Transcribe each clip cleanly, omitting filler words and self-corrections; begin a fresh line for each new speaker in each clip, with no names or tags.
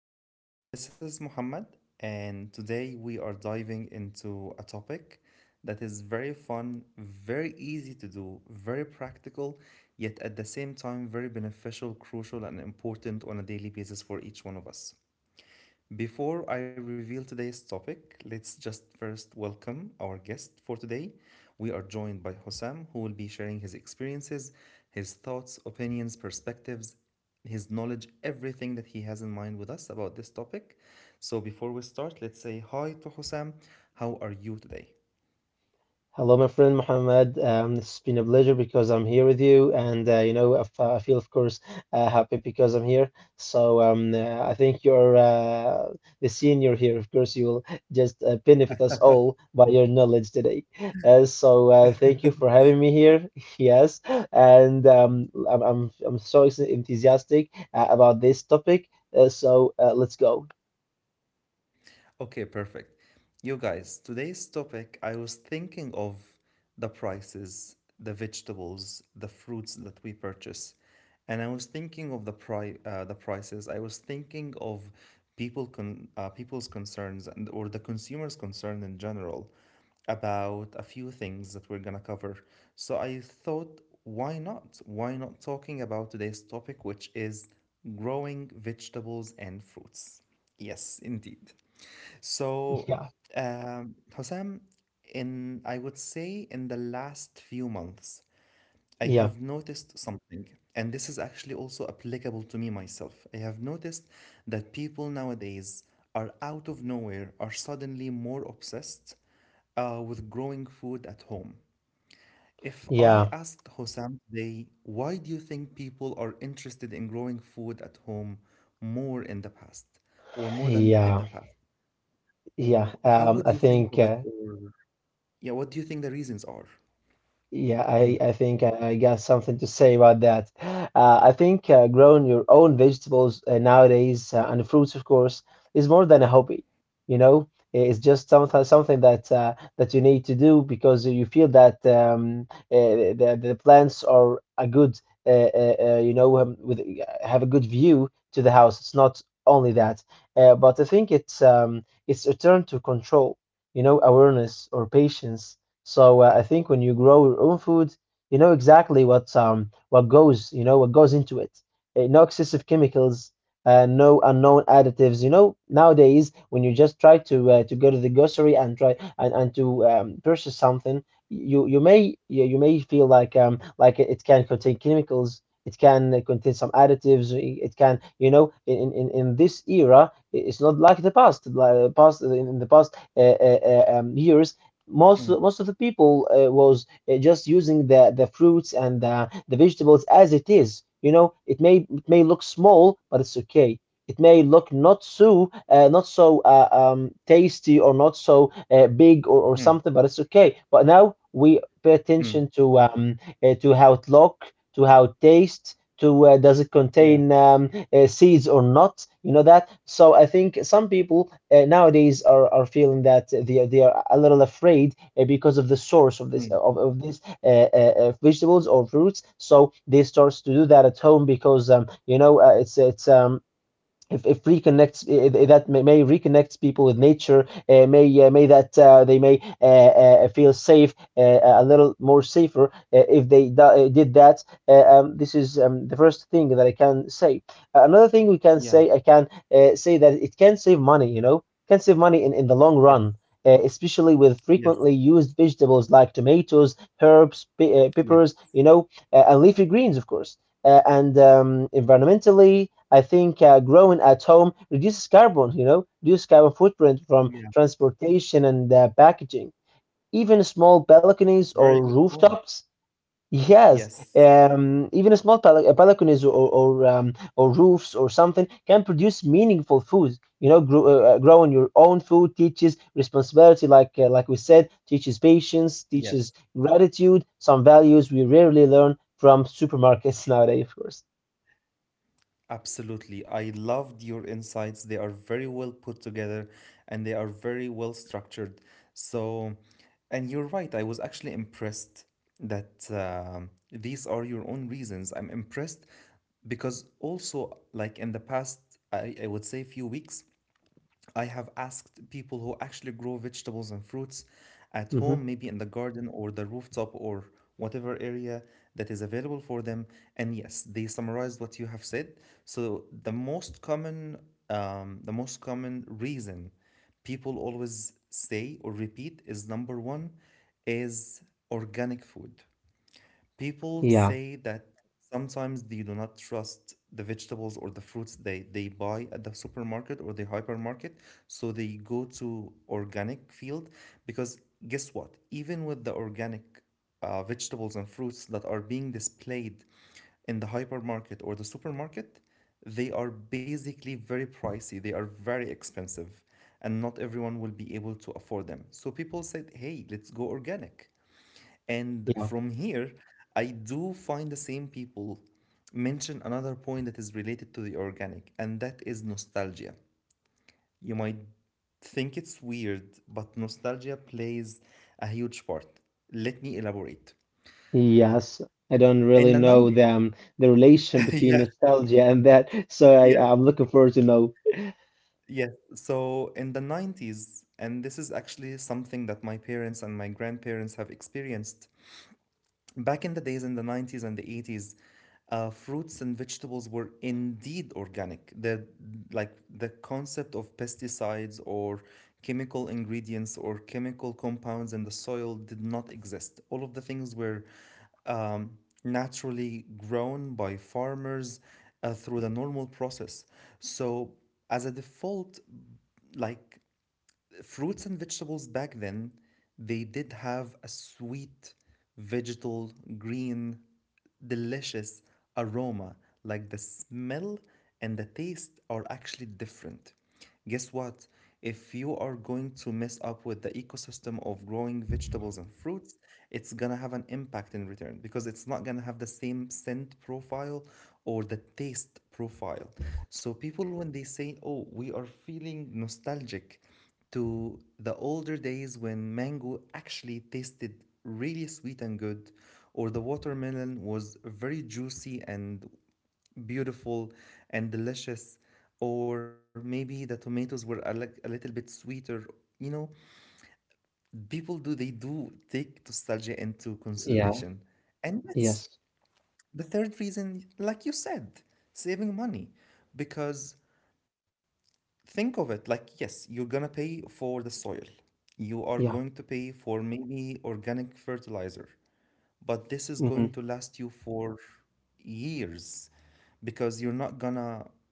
Everyone. This is Muhammad, and today we are diving into a topic that is very fun, very easy to do, very practical, yet at the same time, very beneficial, crucial, and important on a daily basis for each one of us. Before I reveal today's topic, let's just first welcome our guest for today. We are joined by Hossam, who will be sharing his experiences, his thoughts, opinions, perspectives, his knowledge, everything that he has in mind with us about this topic. So, before we start, let's say hi to Hossam. How are you today?
Hello, my friend Mohammed. It's been a pleasure because I'm here with you, and I feel, of course, happy because I'm here. So I think you're the senior here. Of course, you will just benefit us all by your knowledge today. So thank you for having me here. Yes, and I'm so enthusiastic about this topic. So let's go.
Okay, perfect. You guys, today's topic, I was thinking of the prices, the vegetables, the fruits that we purchase. And I was thinking of the prices. I was thinking of people's concerns and or the consumer's concern in general about a few things that we're gonna cover. So I thought, why not? Why not talking about today's topic, which is growing vegetables and fruits? Yes, indeed. So,
Yeah,
Hosam, in I would say in the last few months, I
yeah,
have noticed something, and this is actually also applicable to me myself. I have noticed that people nowadays are out of nowhere, are suddenly more obsessed with growing food at home. If I
yeah,
asked Hosam today, why do you think people are interested in growing food at home more in the past or more than in the
yeah,
past?
yeah.
W how would
I
you think
think.
of it, or yeah, what do you think the reasons are?
Yeah, I,
Mm,
I think I got something to say about that. I think growing your own vegetables nowadays and fruits, of course, is more than a hobby. It's just something that you need to do, because you feel that the plants are a good, with have a good view to the house. It's not only that, but I think it's a turn to control. Awareness or patience. So I think when you grow your own food, you know exactly what goes into it. No excessive chemicals, no unknown additives. Nowadays, when you just try to go to the grocery and try and to purchase something, you may feel like it can contain chemicals. It can contain some additives. It can, in this era, it's not like the past. Like past in the past years, most
mm,
most of the people was just using the fruits and the vegetables as it is. It may look small, but it's okay. It may look not so tasty, or not so big, or,
mm,
something, but it's okay. But now we pay
mm,
attention to how it look, to how it tastes, to does it
yeah,
contain seeds or not, that. So I think some people nowadays are feeling that they are a little afraid because of the source of
mm,
this vegetables or fruits, so they start to do that at home, because it's if reconnects if, that may reconnects people with nature, may that they may feel safe, a little more safer, if they did that. This is the first thing that I can say. Another thing we can
yeah,
say, I can say that it can save money. It can save money in the long
yes,
run, especially with
yes,
frequently used vegetables like tomatoes, herbs,
yes,
peppers, and leafy greens, of course. And Environmentally, I think growing at home reduces carbon, footprint from
yeah.
transportation and packaging. Even small balconies or
Very good point.
rooftops, yes,
Yes,
even small balconies, or roofs, or something can produce meaningful food. Growing your own food teaches responsibility, like we said, teaches patience,
yes,
teaches gratitude, some values we rarely learn from supermarkets nowadays, of course.
absolutely. I loved your insights. They are very well put together and they are very well structured. So, and you're right, I was actually impressed that these are your own reasons. I'm impressed because also, like in the past, I would say few weeks, I have asked people who actually grow vegetables and fruits at home,
Hmm.
maybe in the garden or the rooftop or whatever area that is available for them. And yes, they summarized what you have said. So the most common reason people always say or repeat is number one is organic food. People
Yeah,
say that sometimes they do not trust the vegetables or the fruits they buy at the supermarket or the hypermarket, so they go to organic field because guess what? Even with the organic vegetables and fruits that are being displayed in the hypermarket or the supermarket, they are basically very pricey. They are very expensive, and not everyone will be able to afford them. So people said, "Hey, let's go organic." And
yeah,
from here, I do find the same people mention another point that is related to the organic, and that is nostalgia. You might think it's weird, but nostalgia plays a huge part. Let me elaborate.
yes. I don't
In
really
the
know
90s,
them, the relation between
yeah,
nostalgia and that. So I,
yes,
I'm looking forward to know.
yes. So in the 90s, and this is actually something that my parents and my grandparents have experienced. Back in the days in the 90s and the 80s, fruits and vegetables were indeed organic. The concept of pesticides or chemical ingredients or chemical compounds in the soil did not exist. All of the things were um, naturally grown by farmers through the normal process. So as a default, like fruits and vegetables back then, they did have a sweet, vegetal, green, delicious aroma. Like the smell and the taste are actually different. Guess what? If you are going to mess up with the ecosystem of growing vegetables and fruits, it's gonna have an impact in return because it's not gonna have the same scent profile or the taste profile. So people, when they say, "Oh, we are feeling nostalgic to the older days when mango actually tasted really sweet and good, or the watermelon was very juicy and beautiful and delicious, or maybe the tomatoes were a little bit sweeter." You know, people do, they do take nostalgia into
Yeah,
consideration. And
yes,
yes, the third reason, like you said, saving money. Because think of it, like yes, you're gonna pay for the soil. You are
yeah.
going to pay for maybe organic fertilizer, but this is
Hmm.
going to last you for years because you're not gonna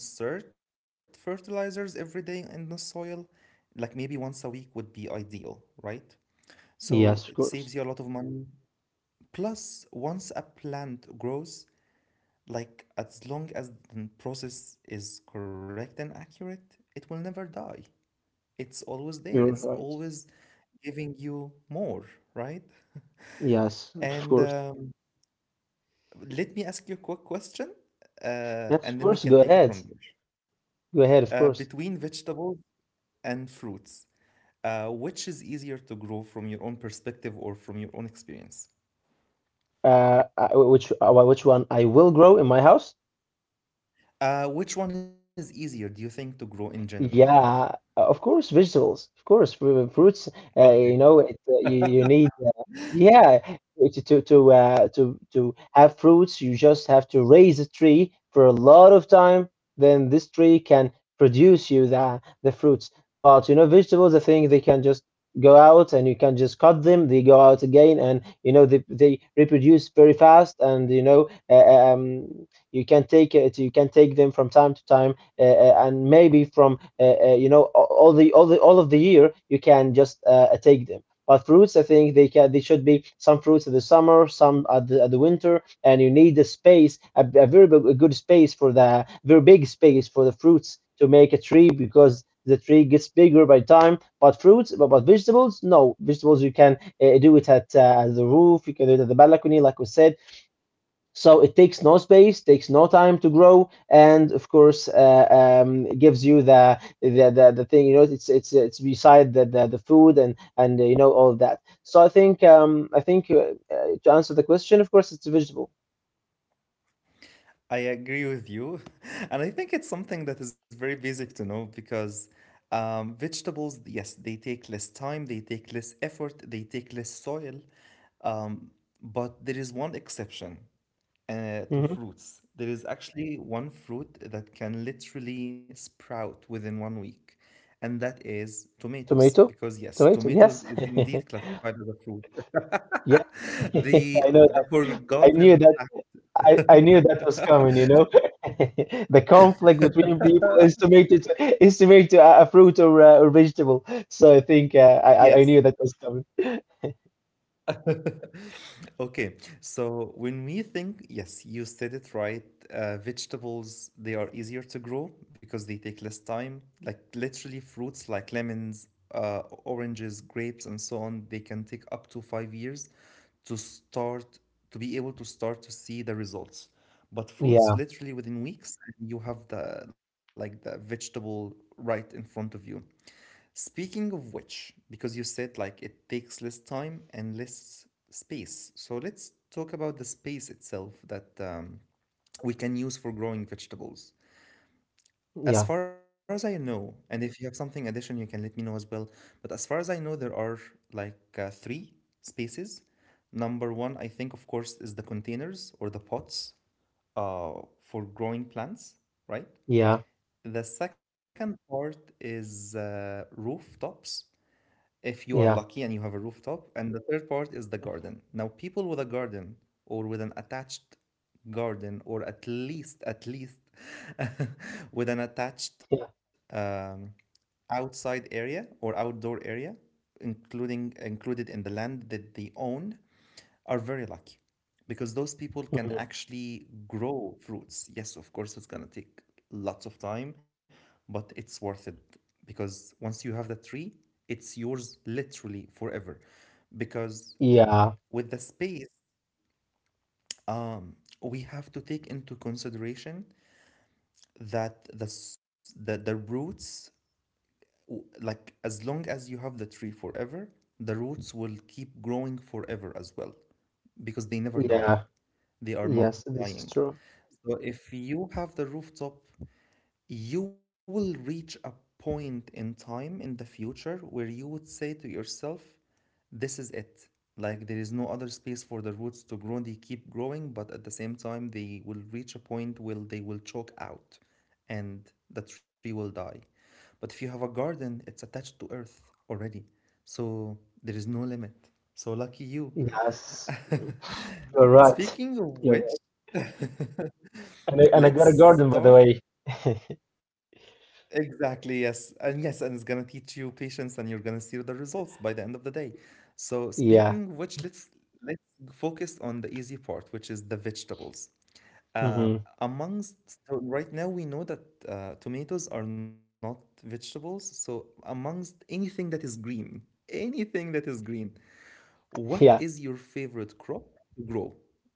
insert fertilizers every day in the soil. Like maybe once a week would be ideal, right? So
Yes,
it
of
saves
course.
you a lot of money. Plus, once a plant grows, like as long as the process is correct and accurate, it will never die. It's always there.
You're
It's
right.
always giving you more, right?
Yes, of
And
course.
let me ask you a quick question,
Yes, of
and then we
course. Go
can take it
ahead.
from there.
Go ahead,
Uh,
of course.
between vegetables and fruits, which is easier to grow from your own perspective or from your own experience?
I, which one I will grow in my house?
Which one is easier, do you think, to grow in general?
Yeah, of course, vegetables, of course, fruits.
Okay.
You know, you need. Yeah, to have fruits, you just have to raise a tree for a lot of time. Then this tree can produce you the fruits. But vegetables, I think they can just go out and you can just cut them. They go out again, and they reproduce very fast. And you can take it, you can take them from time to time, and maybe from all of the year you can just take them. But fruits, I think they should be some fruits in the summer, some at the winter, and you need the space, a very big, a good space for the fruits to make a tree, because the tree gets bigger by time. But fruits, but vegetables. No, vegetables you can do it at the roof. You can do it at the balcony, like we said. So it takes no space, takes no time to grow, and of course, gives you the thing. It's beside the food, and all of that. So I think to answer the question, of course, it's a vegetable.
I agree with you. And I think it's something that is very basic to know because vegetables, yes, they take less time, they take less effort, they take less soil. Um, but there is one exception to
Hmm.
fruits. There is actually one fruit that can literally sprout within one week, and that is tomatoes.
Tomato,
Because, yes,
tomato.
tomatoes
Yes.
is indeed classified as a fruit.
Yeah. I know.
The
I knew
forgotten
that.
fact.
I knew that was coming, you know. The conflict between people estimated to a fruit, or or vegetable. So I
Yes.
knew that was coming.
Okay, so when we think, yes, you said it right. Vegetables, they are easier to grow because they take less time. Like literally fruits like lemons, oranges, grapes, and so on, they can take up to 5 years to start to be able to start to see the results. But fruits,
Yeah,
literally within weeks, you have the like the vegetable right in front of you. Speaking of which, because you said like it takes less time and less space, so let's talk about the space itself that we can use for growing vegetables. As
yeah,
far as I know, and if you have something addition, you can let me know as well. But as far as I know, there are like three spaces. Number one, I think, of course, is the containers or the pots uh, for growing plants, right?
yeah,
The second part is rooftops if you are lucky and
yeah,
you have a rooftop. And the third part is the garden. Now, people with a garden or with an attached garden, or at least with an attached
yeah,
outside area or outdoor area, including included in the land that they own, are very lucky because those people can
mhm.
actually grow fruits. Yes, of course, it's going to take lots of time, but it's worth it because once you have the tree, it's yours literally forever. Because
Yeah,
with the space, um, we have to take into consideration that the roots, like as long as you have the tree forever, the roots will keep growing forever as well because they never
yeah.
die. They are
Yes, this is
multiplying.
true.
So if you have the rooftop, you will reach a point in time in the future where you would say yourself, this is it. Like there is no other space for the roots to grow. They keep growing, but at the same time, they will reach a point where they will choke out and the tree will die. But if you have a garden, it's attached to earth already. So there is no limit. So lucky you.
Yes, you're right.
Speaking of
You're
which,
right. And I got
let's
a garden, by the
start.
way.
Exactly, yes. And yes, and it's gonna teach you patience and you're gonna see the results by the end of the day. So
Yeah.
speaking of which, let's focus on the easy part, which is the vegetables. Uh,
Hmm.
amongst so right now we know that tomatoes are not vegetables, so amongst anything that is green, anything that is green, what
Yeah.
is your favorite crop to grow?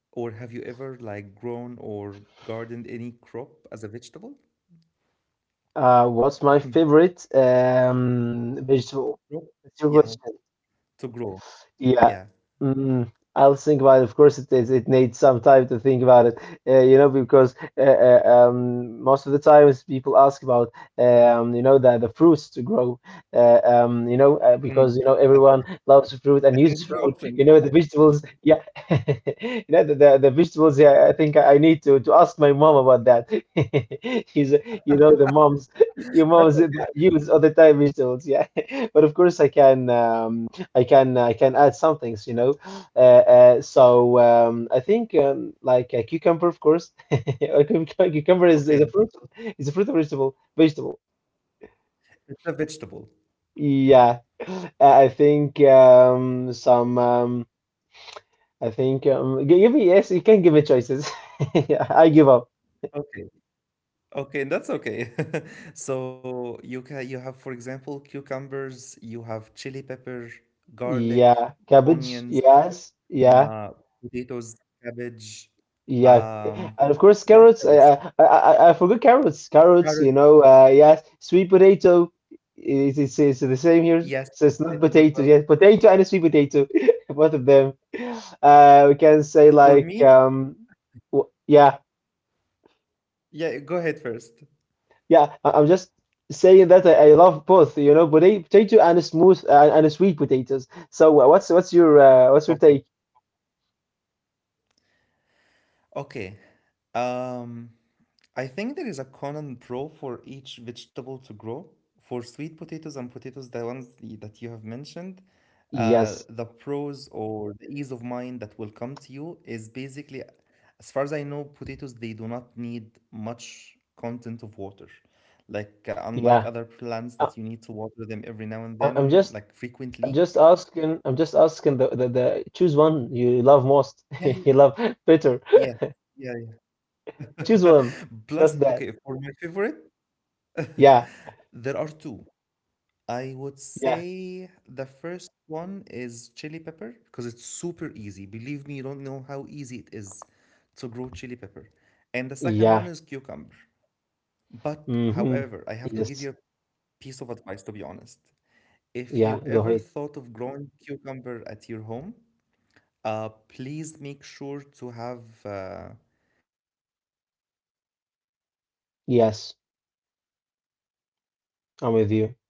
Or have you ever like grown or gardened any crop as a vegetable?
What's my favorite vegetable?
Crop?
That's your
Yeah,
question.
to grow.
Yeah.
Yeah.
Mm, I'll think about it. Of course, it is. It needs some time to think about it, because most of the times people ask about, the fruits to grow, because,
Mm,
everyone loves fruit and
I
uses
can give you
fruit, you
options.
know, the vegetables. Yeah. The vegetables, yeah, I think I need to ask my mom about that. She's, the moms,
That's
your moms
okay.
that use all the time vegetables, yeah. But of course, I can. I can add some things, you know. Uh, so I think like a cucumber, of course. A cucumber is a
Okay.
fruit. It's a fruit or vegetable. Vegetable.
It's a vegetable.
Yeah. I think, some. I think Give me, yes. You can give me choices. I give up.
Okay. Okay, and that's okay. So you can you have, for example, cucumbers, you have chili pepper, garlic,
Yeah. Cabbage.
onions,
Yes. Yeah.
uh, potatoes, cabbage,
Yeah, and
um,
of course carrots.
what
I
else?
I I, I I forgot carrots. Carrots, you
Carrots.
know. Yeah, sweet potato. It's the same here.
Yes,
So it's
mashed
not
potatoes as
potato.
well.
Yeah, potato and a sweet potato, both of them. We can say
For
like
me,
yeah,
yeah, go ahead first.
yeah. I'm just saying that I love both. Potato, potato and a smooth and a sweet potatoes. So what's your take?
Okay. Okay. Um, I think there is a Conan Pro for each vegetable to grow. For sweet potatoes and potatoes, the ones that you have mentioned,
Yes,
the pros or the ease of mind that will come to you is basically, as far as I know, potatoes, they do not need much content of water. Like, unlike
yeah.
other plants
I,
that you need to water them every now and
I- I'm
then,
just.
like
I'm
frequently.
just asking. I'm just asking, the choose one you love most. You love better.
Yes. Yeah,
Choose
yeah.
one. That's
Plus,
that.
okay, for my favorite,
Yeah.
there are two. I would
Yeah.
say the first one is chili pepper because it's super easy. Believe me, you don't know how easy it is to grow chili pepper. And the second
Yeah.
one is cucumber. But
Mm-hmm.
however, I have to give
Yes.
you a piece of advice to be honest. If
Yeah.
you
Go ahead.
ever thought of growing cucumber at your home, please make sure to have any wooden or any
Yes.
metallic material near
I'm
the
with you.
soil,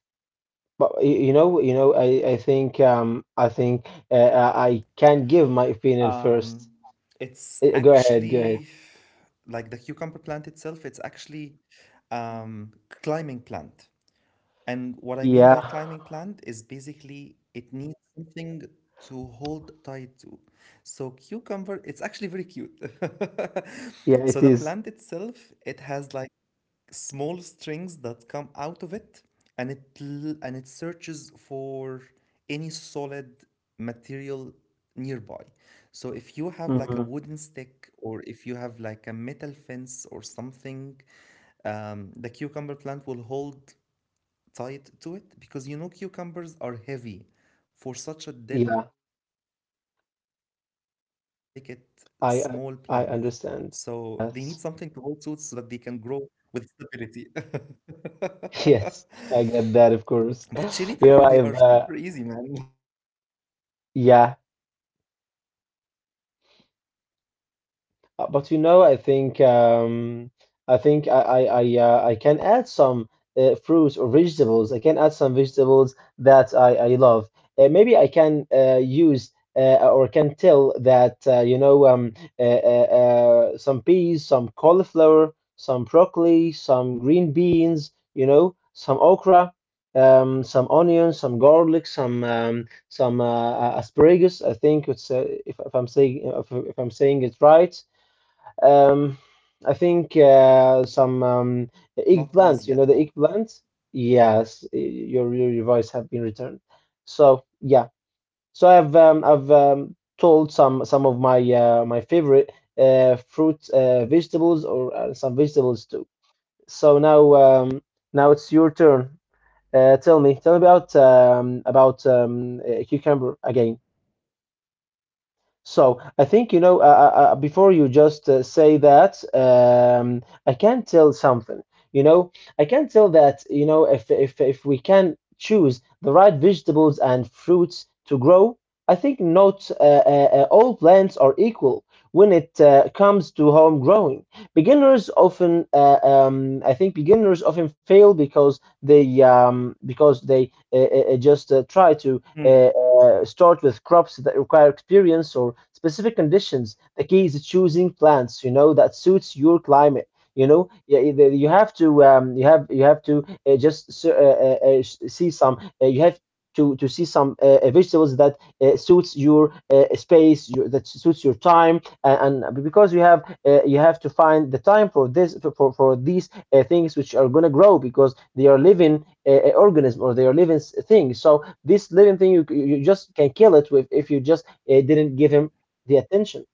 because the
But
cucumber plant,
I think, I think
um,
I can give my
it's
opinion first.
actually
Go
like the
ahead. Go
cucumber
ahead.
plant itself, it's actually um, climbing plant. And what I mean by climbing plant is
Yeah.
basically it needs something to hold tight to. So cucumber, it's actually very cute. So the plant
Yeah. It is.
itself, it has like small strings that come out of it, and it searches for any solid material nearby. So if you have like
Mm-hmm.
a stick or if you have like a metal fence or something, the cucumber plant will hold tied to it, because you know cucumbers are heavy for such a
Yeah.
delicate small plant. So they need
I
something to
I
hold
I
to so that they
understand.
can grow
Yes.
with stability.
Yes,
But
I
chili
get that,
pepper,
of
they are
course.
super easy, man.
I've
You basically take the
yeah.
seeds, you put it in the soil. Um,
But
like you can grow them
I
for
think
almost
I can add
um
some fruits or vegetables. I can add some vegetables that
One
I
week or
I love.
so,
Maybe
and
I
then voila,
can
you're ready to go.
use or can
So,
tell that
yeah.
uh, uh,
But for
some peas,
cucumber,
some cauliflower,
I
some
I
broccoli,
tried to
some
grow
green
cucumber
beans.
before,
Some okra.
and it
Some onions, some
actually worked,
garlic, some
right?
asparagus. I think it's
And
if, if I'm saying if,
but it
if
was
I'm saying it
so
right.
much tiring of a
um,
process.
I think
Like
some
growing cucumber is not
eggplants, you
easy
know, the
at all.
eggplant. Yes, your device have been returned. So yeah, so I've told some of my favorite fruit, vegetables, or some vegetables too. So now it's your turn. Tell me, tell me about cucumber again. So I think you know. Before you just say that, I can tell something. You know, I can tell that if we can choose the right vegetables and fruits to grow, I think not all plants are equal when it comes to home growing. Beginners often, I think, beginners often fail because they just try to. Uh,
Mm.
uh, start with crops that require experience or specific conditions. The key is choosing plants, you know, that suits your climate. Yeah, you have to you have to uh, just s- uh, see some. You have to see some vegetables that suits your space, that suits your time, and because you have to find the time for this for these things which are gonna grow because they are living organism or they are living things. So this living thing, you just can kill it with if you just didn't give him the attention.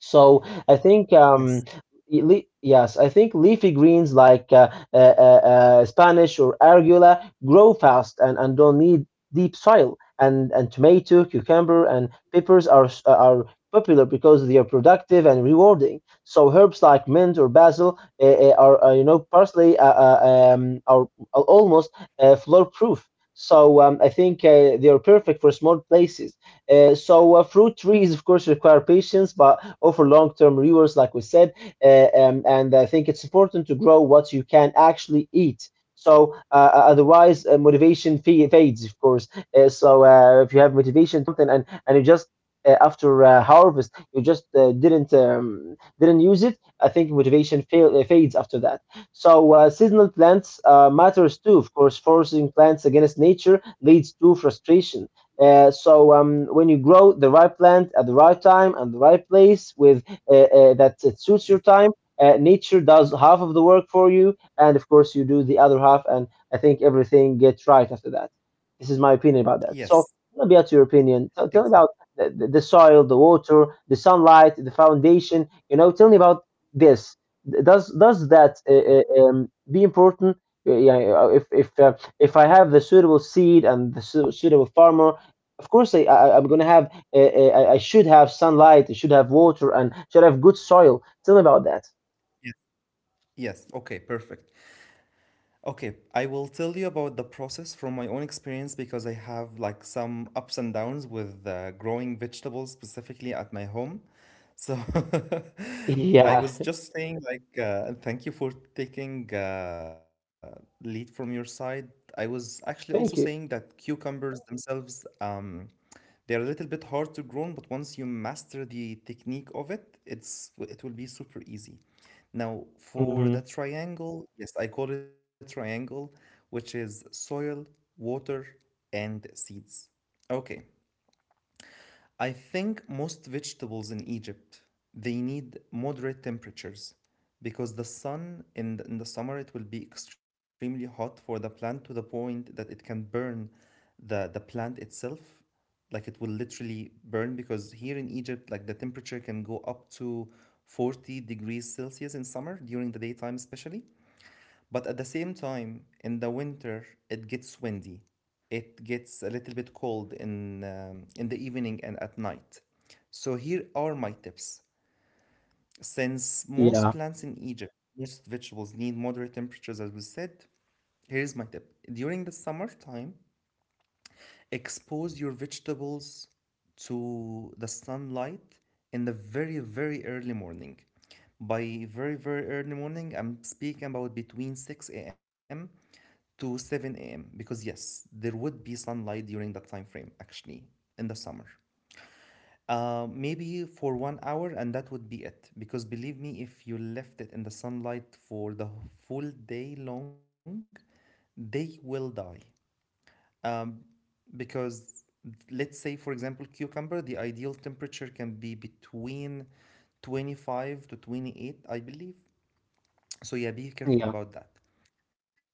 So I think
Yes,
y- le yes, I think leafy greens like Spanish or arugula grow fast and don't need deep soil. And tomato, cucumber, and peppers are popular because they are productive and rewarding. So herbs like mint or basil are parsley are almost floor proof. So I think they are perfect for small places. Fruit trees, of course, require patience, but or for long-term viewers, like we said. And I think it's important to grow what you can actually eat. So otherwise, motivation fades, of course. If you have motivation, something, and you just after harvest, you just didn't use it. I think motivation fades after that. So seasonal plants matters too, of course. Forcing plants against nature leads to frustration. When you grow the right plant at the right time and the right place with that it suits your
yes,
time, nature does half of the work for you, and of course you do the other half. And I think everything gets right after that. This is my opinion about that. So
yes,
tell me about your opinion. Tell me
exactly.
about the soil, the water, the sunlight, the foundation. You know, tell me about this. Does that
Okay,
be important? Yeah, yeah, if if I have the suitable seed and the suitable farmer of course, I I'm gonna have I should have sunlight, I should have water, and should have good soil. Tell me about that.
yes, yes, okay, perfect. Okay, I will tell you about the process from my own experience, because I have like some ups and downs with growing vegetables specifically at my home. So I
Yeah,
was just saying, like, and thank you for taking lead from your side. I was actually also
thank you.
saying that cucumbers themselves, they are a little bit hard to grow, but once you master the technique of it, it will be super easy. Now,
Hmm.
for the triangle, yes, I call it triangle, which is soil, water, and seeds. Okay, I think most vegetables in Egypt, they need moderate temperatures, because the sun in the summer, it will be extremely hot for the plant, to the point that it can burn the plant itself. Like, it will literally burn, because here in Egypt, like, the temperature can go up to 40 degrees Celsius in summer, during the daytime especially. But at the same time, in the winter, it gets windy. It gets a little bit cold in the evening and at night. So here are my tips. Since
Yeah,
most plants in Egypt, most vegetables need moderate temperatures, as we said, here's my tip. During the summertime, expose your vegetables to the sunlight in the very, very early morning. By very, very early morning, I'm speaking about between 6 a.m to 7 a.m. because yes, there would be sunlight during that time frame actually in the summer. Maybe for one hour, and that would be it, because, believe me, if you left it in the sunlight for the full day long, they will die, because, let's say, for example, cucumber: the ideal temperature can be between 25 to 28, I believe. So yeah, be careful
yeah,
about that.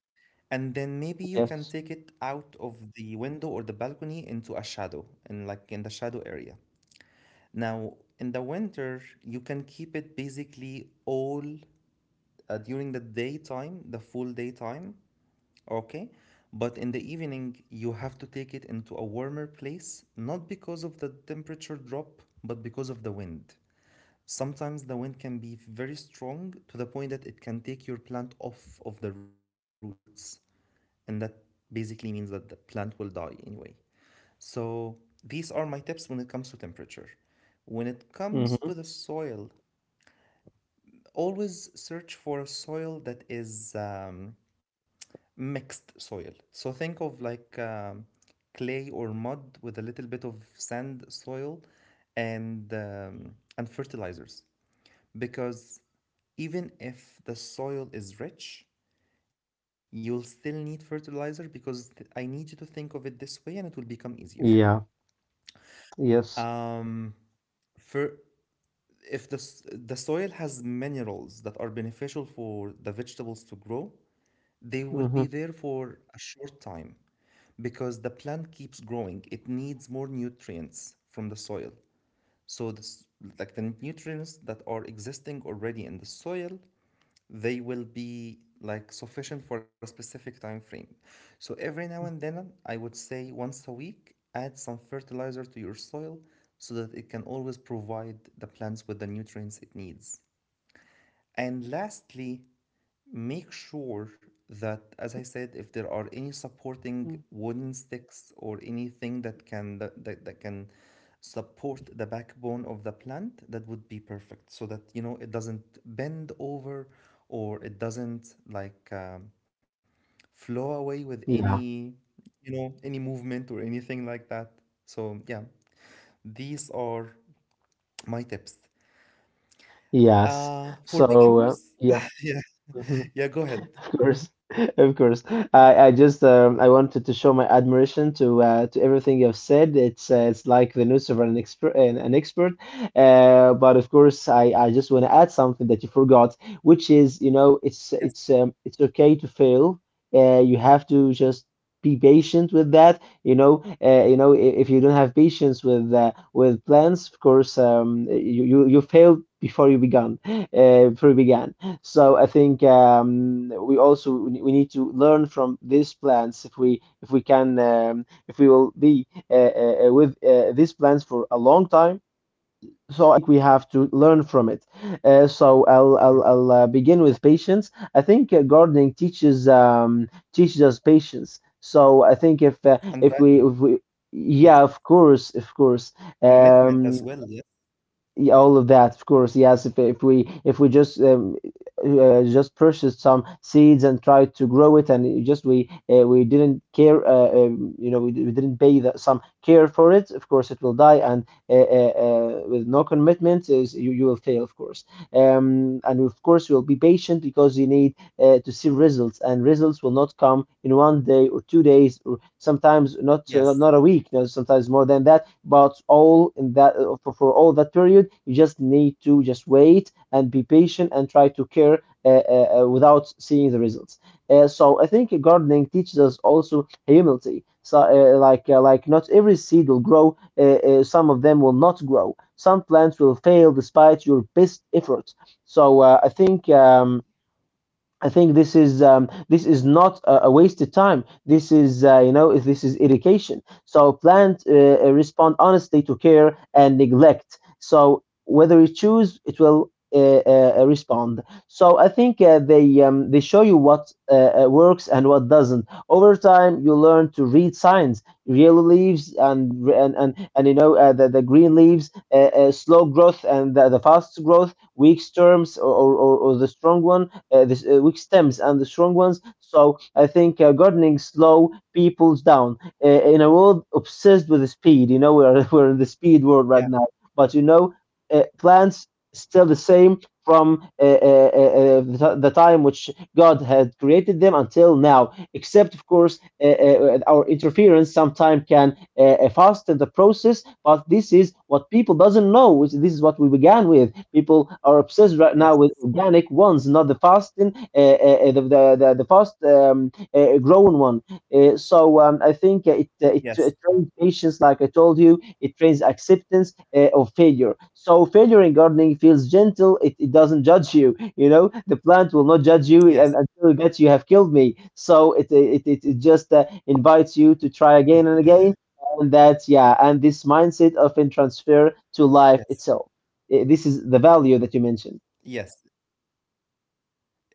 And then maybe you can take it
yes.
out of the window or the balcony into a shadow, and, like, in the shadow area. Now, in the winter, you can keep it basically all during the daytime, the full daytime, okay? But in the evening, you have to take it into a warmer place, not because of the temperature drop, but because of the wind. Sometimes the wind can be very strong, to the point that it can take your plant off of the roots, and that basically means that the plant will die anyway. So these are my tips when it comes to temperature. When it comes to the
Hmm.
soil, always search for a soil that is mixed soil. So think of, like, clay or mud with a little bit of sand soil and fertilizers. Because even if the soil is rich, you'll still need fertilizer, because I need you to think of it this way and it will become easier.
Yeah, yes.
Um, for if the soil has minerals that are beneficial for the vegetables grow, they will be
Hmm.
there for a short time, because the plant keeps growing. It needs more nutrients from the soil. So this, like, the nutrients that are existing already in the soil, they will be like sufficient for a specific time frame. So every now and then, I would say once a week, add some fertilizer to your soil so that it can always provide the plants with the nutrients it needs. And lastly, make sure that, as I said, if there are any supporting wooden sticks or anything that can support the backbone of the plant, that would be perfect. So that, you know, it doesn't bend over or it doesn't, like, flow away with
Yeah,
any you know any movement or anything like that. So yeah, these are my tips.
yes.
For
So
beginners,
yeah.
yeah,
Mhm.
yeah. Go ahead.
Of course, of course. I just I wanted to show my admiration to everything you've said. It's like the news of an expert. But of course, I just want to add something that you forgot, which is
Yes,
it's okay to fail. You have to just be patient with that. You know if you don't have patience with plans, of course, you failed before you began before you began. So I think we also we need to learn from these plants if we can if we will be with these plants for a long time. So I think we have to learn from it. So I'll
yes,
begin with patience. I think gardening teaches us patience. So I think if
and
uh, if
values.
we if we
Yes.
yeah of course
Commitment
um,
as well. Yes,
yeah, all of that, of course. Yes, if we if we just purchased some seeds and tried to grow it, and it just we didn't care, you know, we didn't pay that some care for it. Of course, it will die, and with no commitment, is you, you will fail, of course. And of course, you will be patient because you need to see results, and results will not come in 1 day or 2 days, or sometimes
yes,
not a week. You know, sometimes more than that but all in that, for all that period you just need to just wait and be patient and try to care without seeing the results . So I think gardening teaches us also humility so like not every seed will grow some of them will not grow some plants will fail despite your best efforts so I think this is not a wasted time. This is you know this is irrigation. So plants respond honestly to care and neglect. So whether you choose, it will respond. So I think they show you what works and what doesn't. Over time, you learn to read signs, yellow leaves and you know the green leaves, slow growth and the fast growth, weak storms or the strong one weak stems and the strong ones. So I think gardening slow people down in a world obsessed with the speed. You know, we're we're in the speed world right
yeah,
now, but you know, plants still the same from the time which God had created them until now. Except, of course, our interference sometimes can fasten the process but this is what people doesn't know. Which This is what we began with. People are obsessed right now with
yes,
organic ones, not the fasting, the fast grown one. I think it
yes,
it trains patience, like I told you. It trains acceptance of failure. So failure in gardening feels gentle. It doesn't judge you. You know, the plant will not
yes,
judge you and until it gets you have killed me. So it just invites you to try again and again and that's yeah and this mindset often transfer to life
yes,
itself I- this is the value that you mentioned
yes,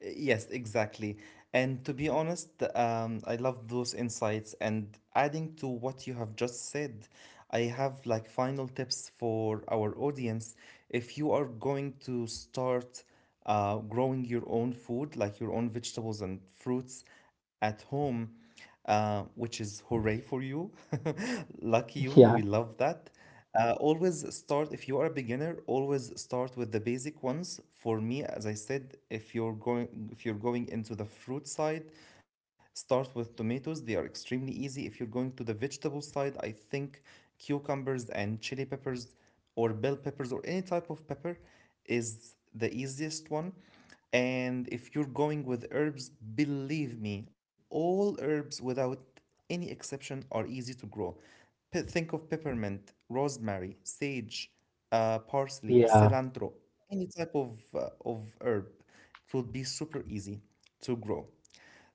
yes, exactly. And to be honest, I love those insights. And adding to what you have just said, I have like final tips for our audience. If you are going to start growing your own food, like your own vegetables and fruits at home, which is hooray for you. Lucky you, we
Yeah,
love that. Always start, if you are a beginner, always start the basic ones. For me, as I said, if you're going into the fruit side, start with tomatoes. They are extremely easy. If you're going to the vegetable side, I think cucumbers and chili peppers, or bell peppers, or any type of pepper is the easiest one. And if you're going with herbs, believe me, all herbs without any exception are easy to grow. Think of peppermint, rosemary, sage, parsley,
yeah,
cilantro, any type of herb. It will be super easy to grow.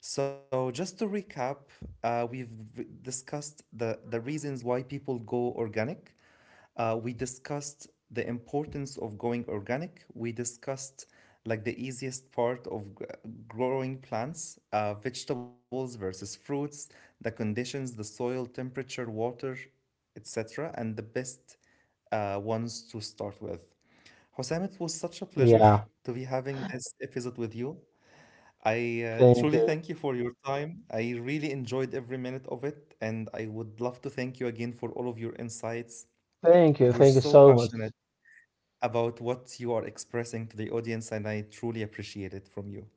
So just to recap, we've discussed the reasons why people go organic. We discussed the importance of going organic. We discussed, like, the easiest part of growing plants, vegetables versus fruits, the conditions, the soil, temperature, water, etc., and the best ones to start with. Hosam, it was such a pleasure
yeah.
to be having episode with you. I
Thank
truly
you.
thank you for your time. I really enjoyed every minute of it, and I would love to thank you again for all of your insights.
Thank you.
You're
Thank you
so
so much.
passionate about what you are expressing to the audience, and I truly appreciate it from you.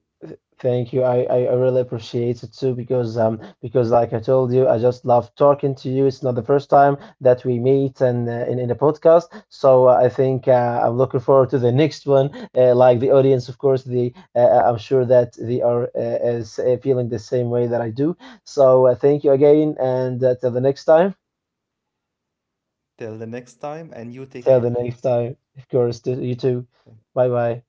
Thank you. I I really appreciate it too because like I told you, I just love talking to you. It's not the first time that we meet and in in a podcast. So I think I'm looking forward to the next one. Like the audience, of course, the I'm sure that they are feeling the same way that I do. So thank you again, and till the next time.
Till the next time, and you take
Till the
care.
next time, of course, to you too.
Thank
Bye bye.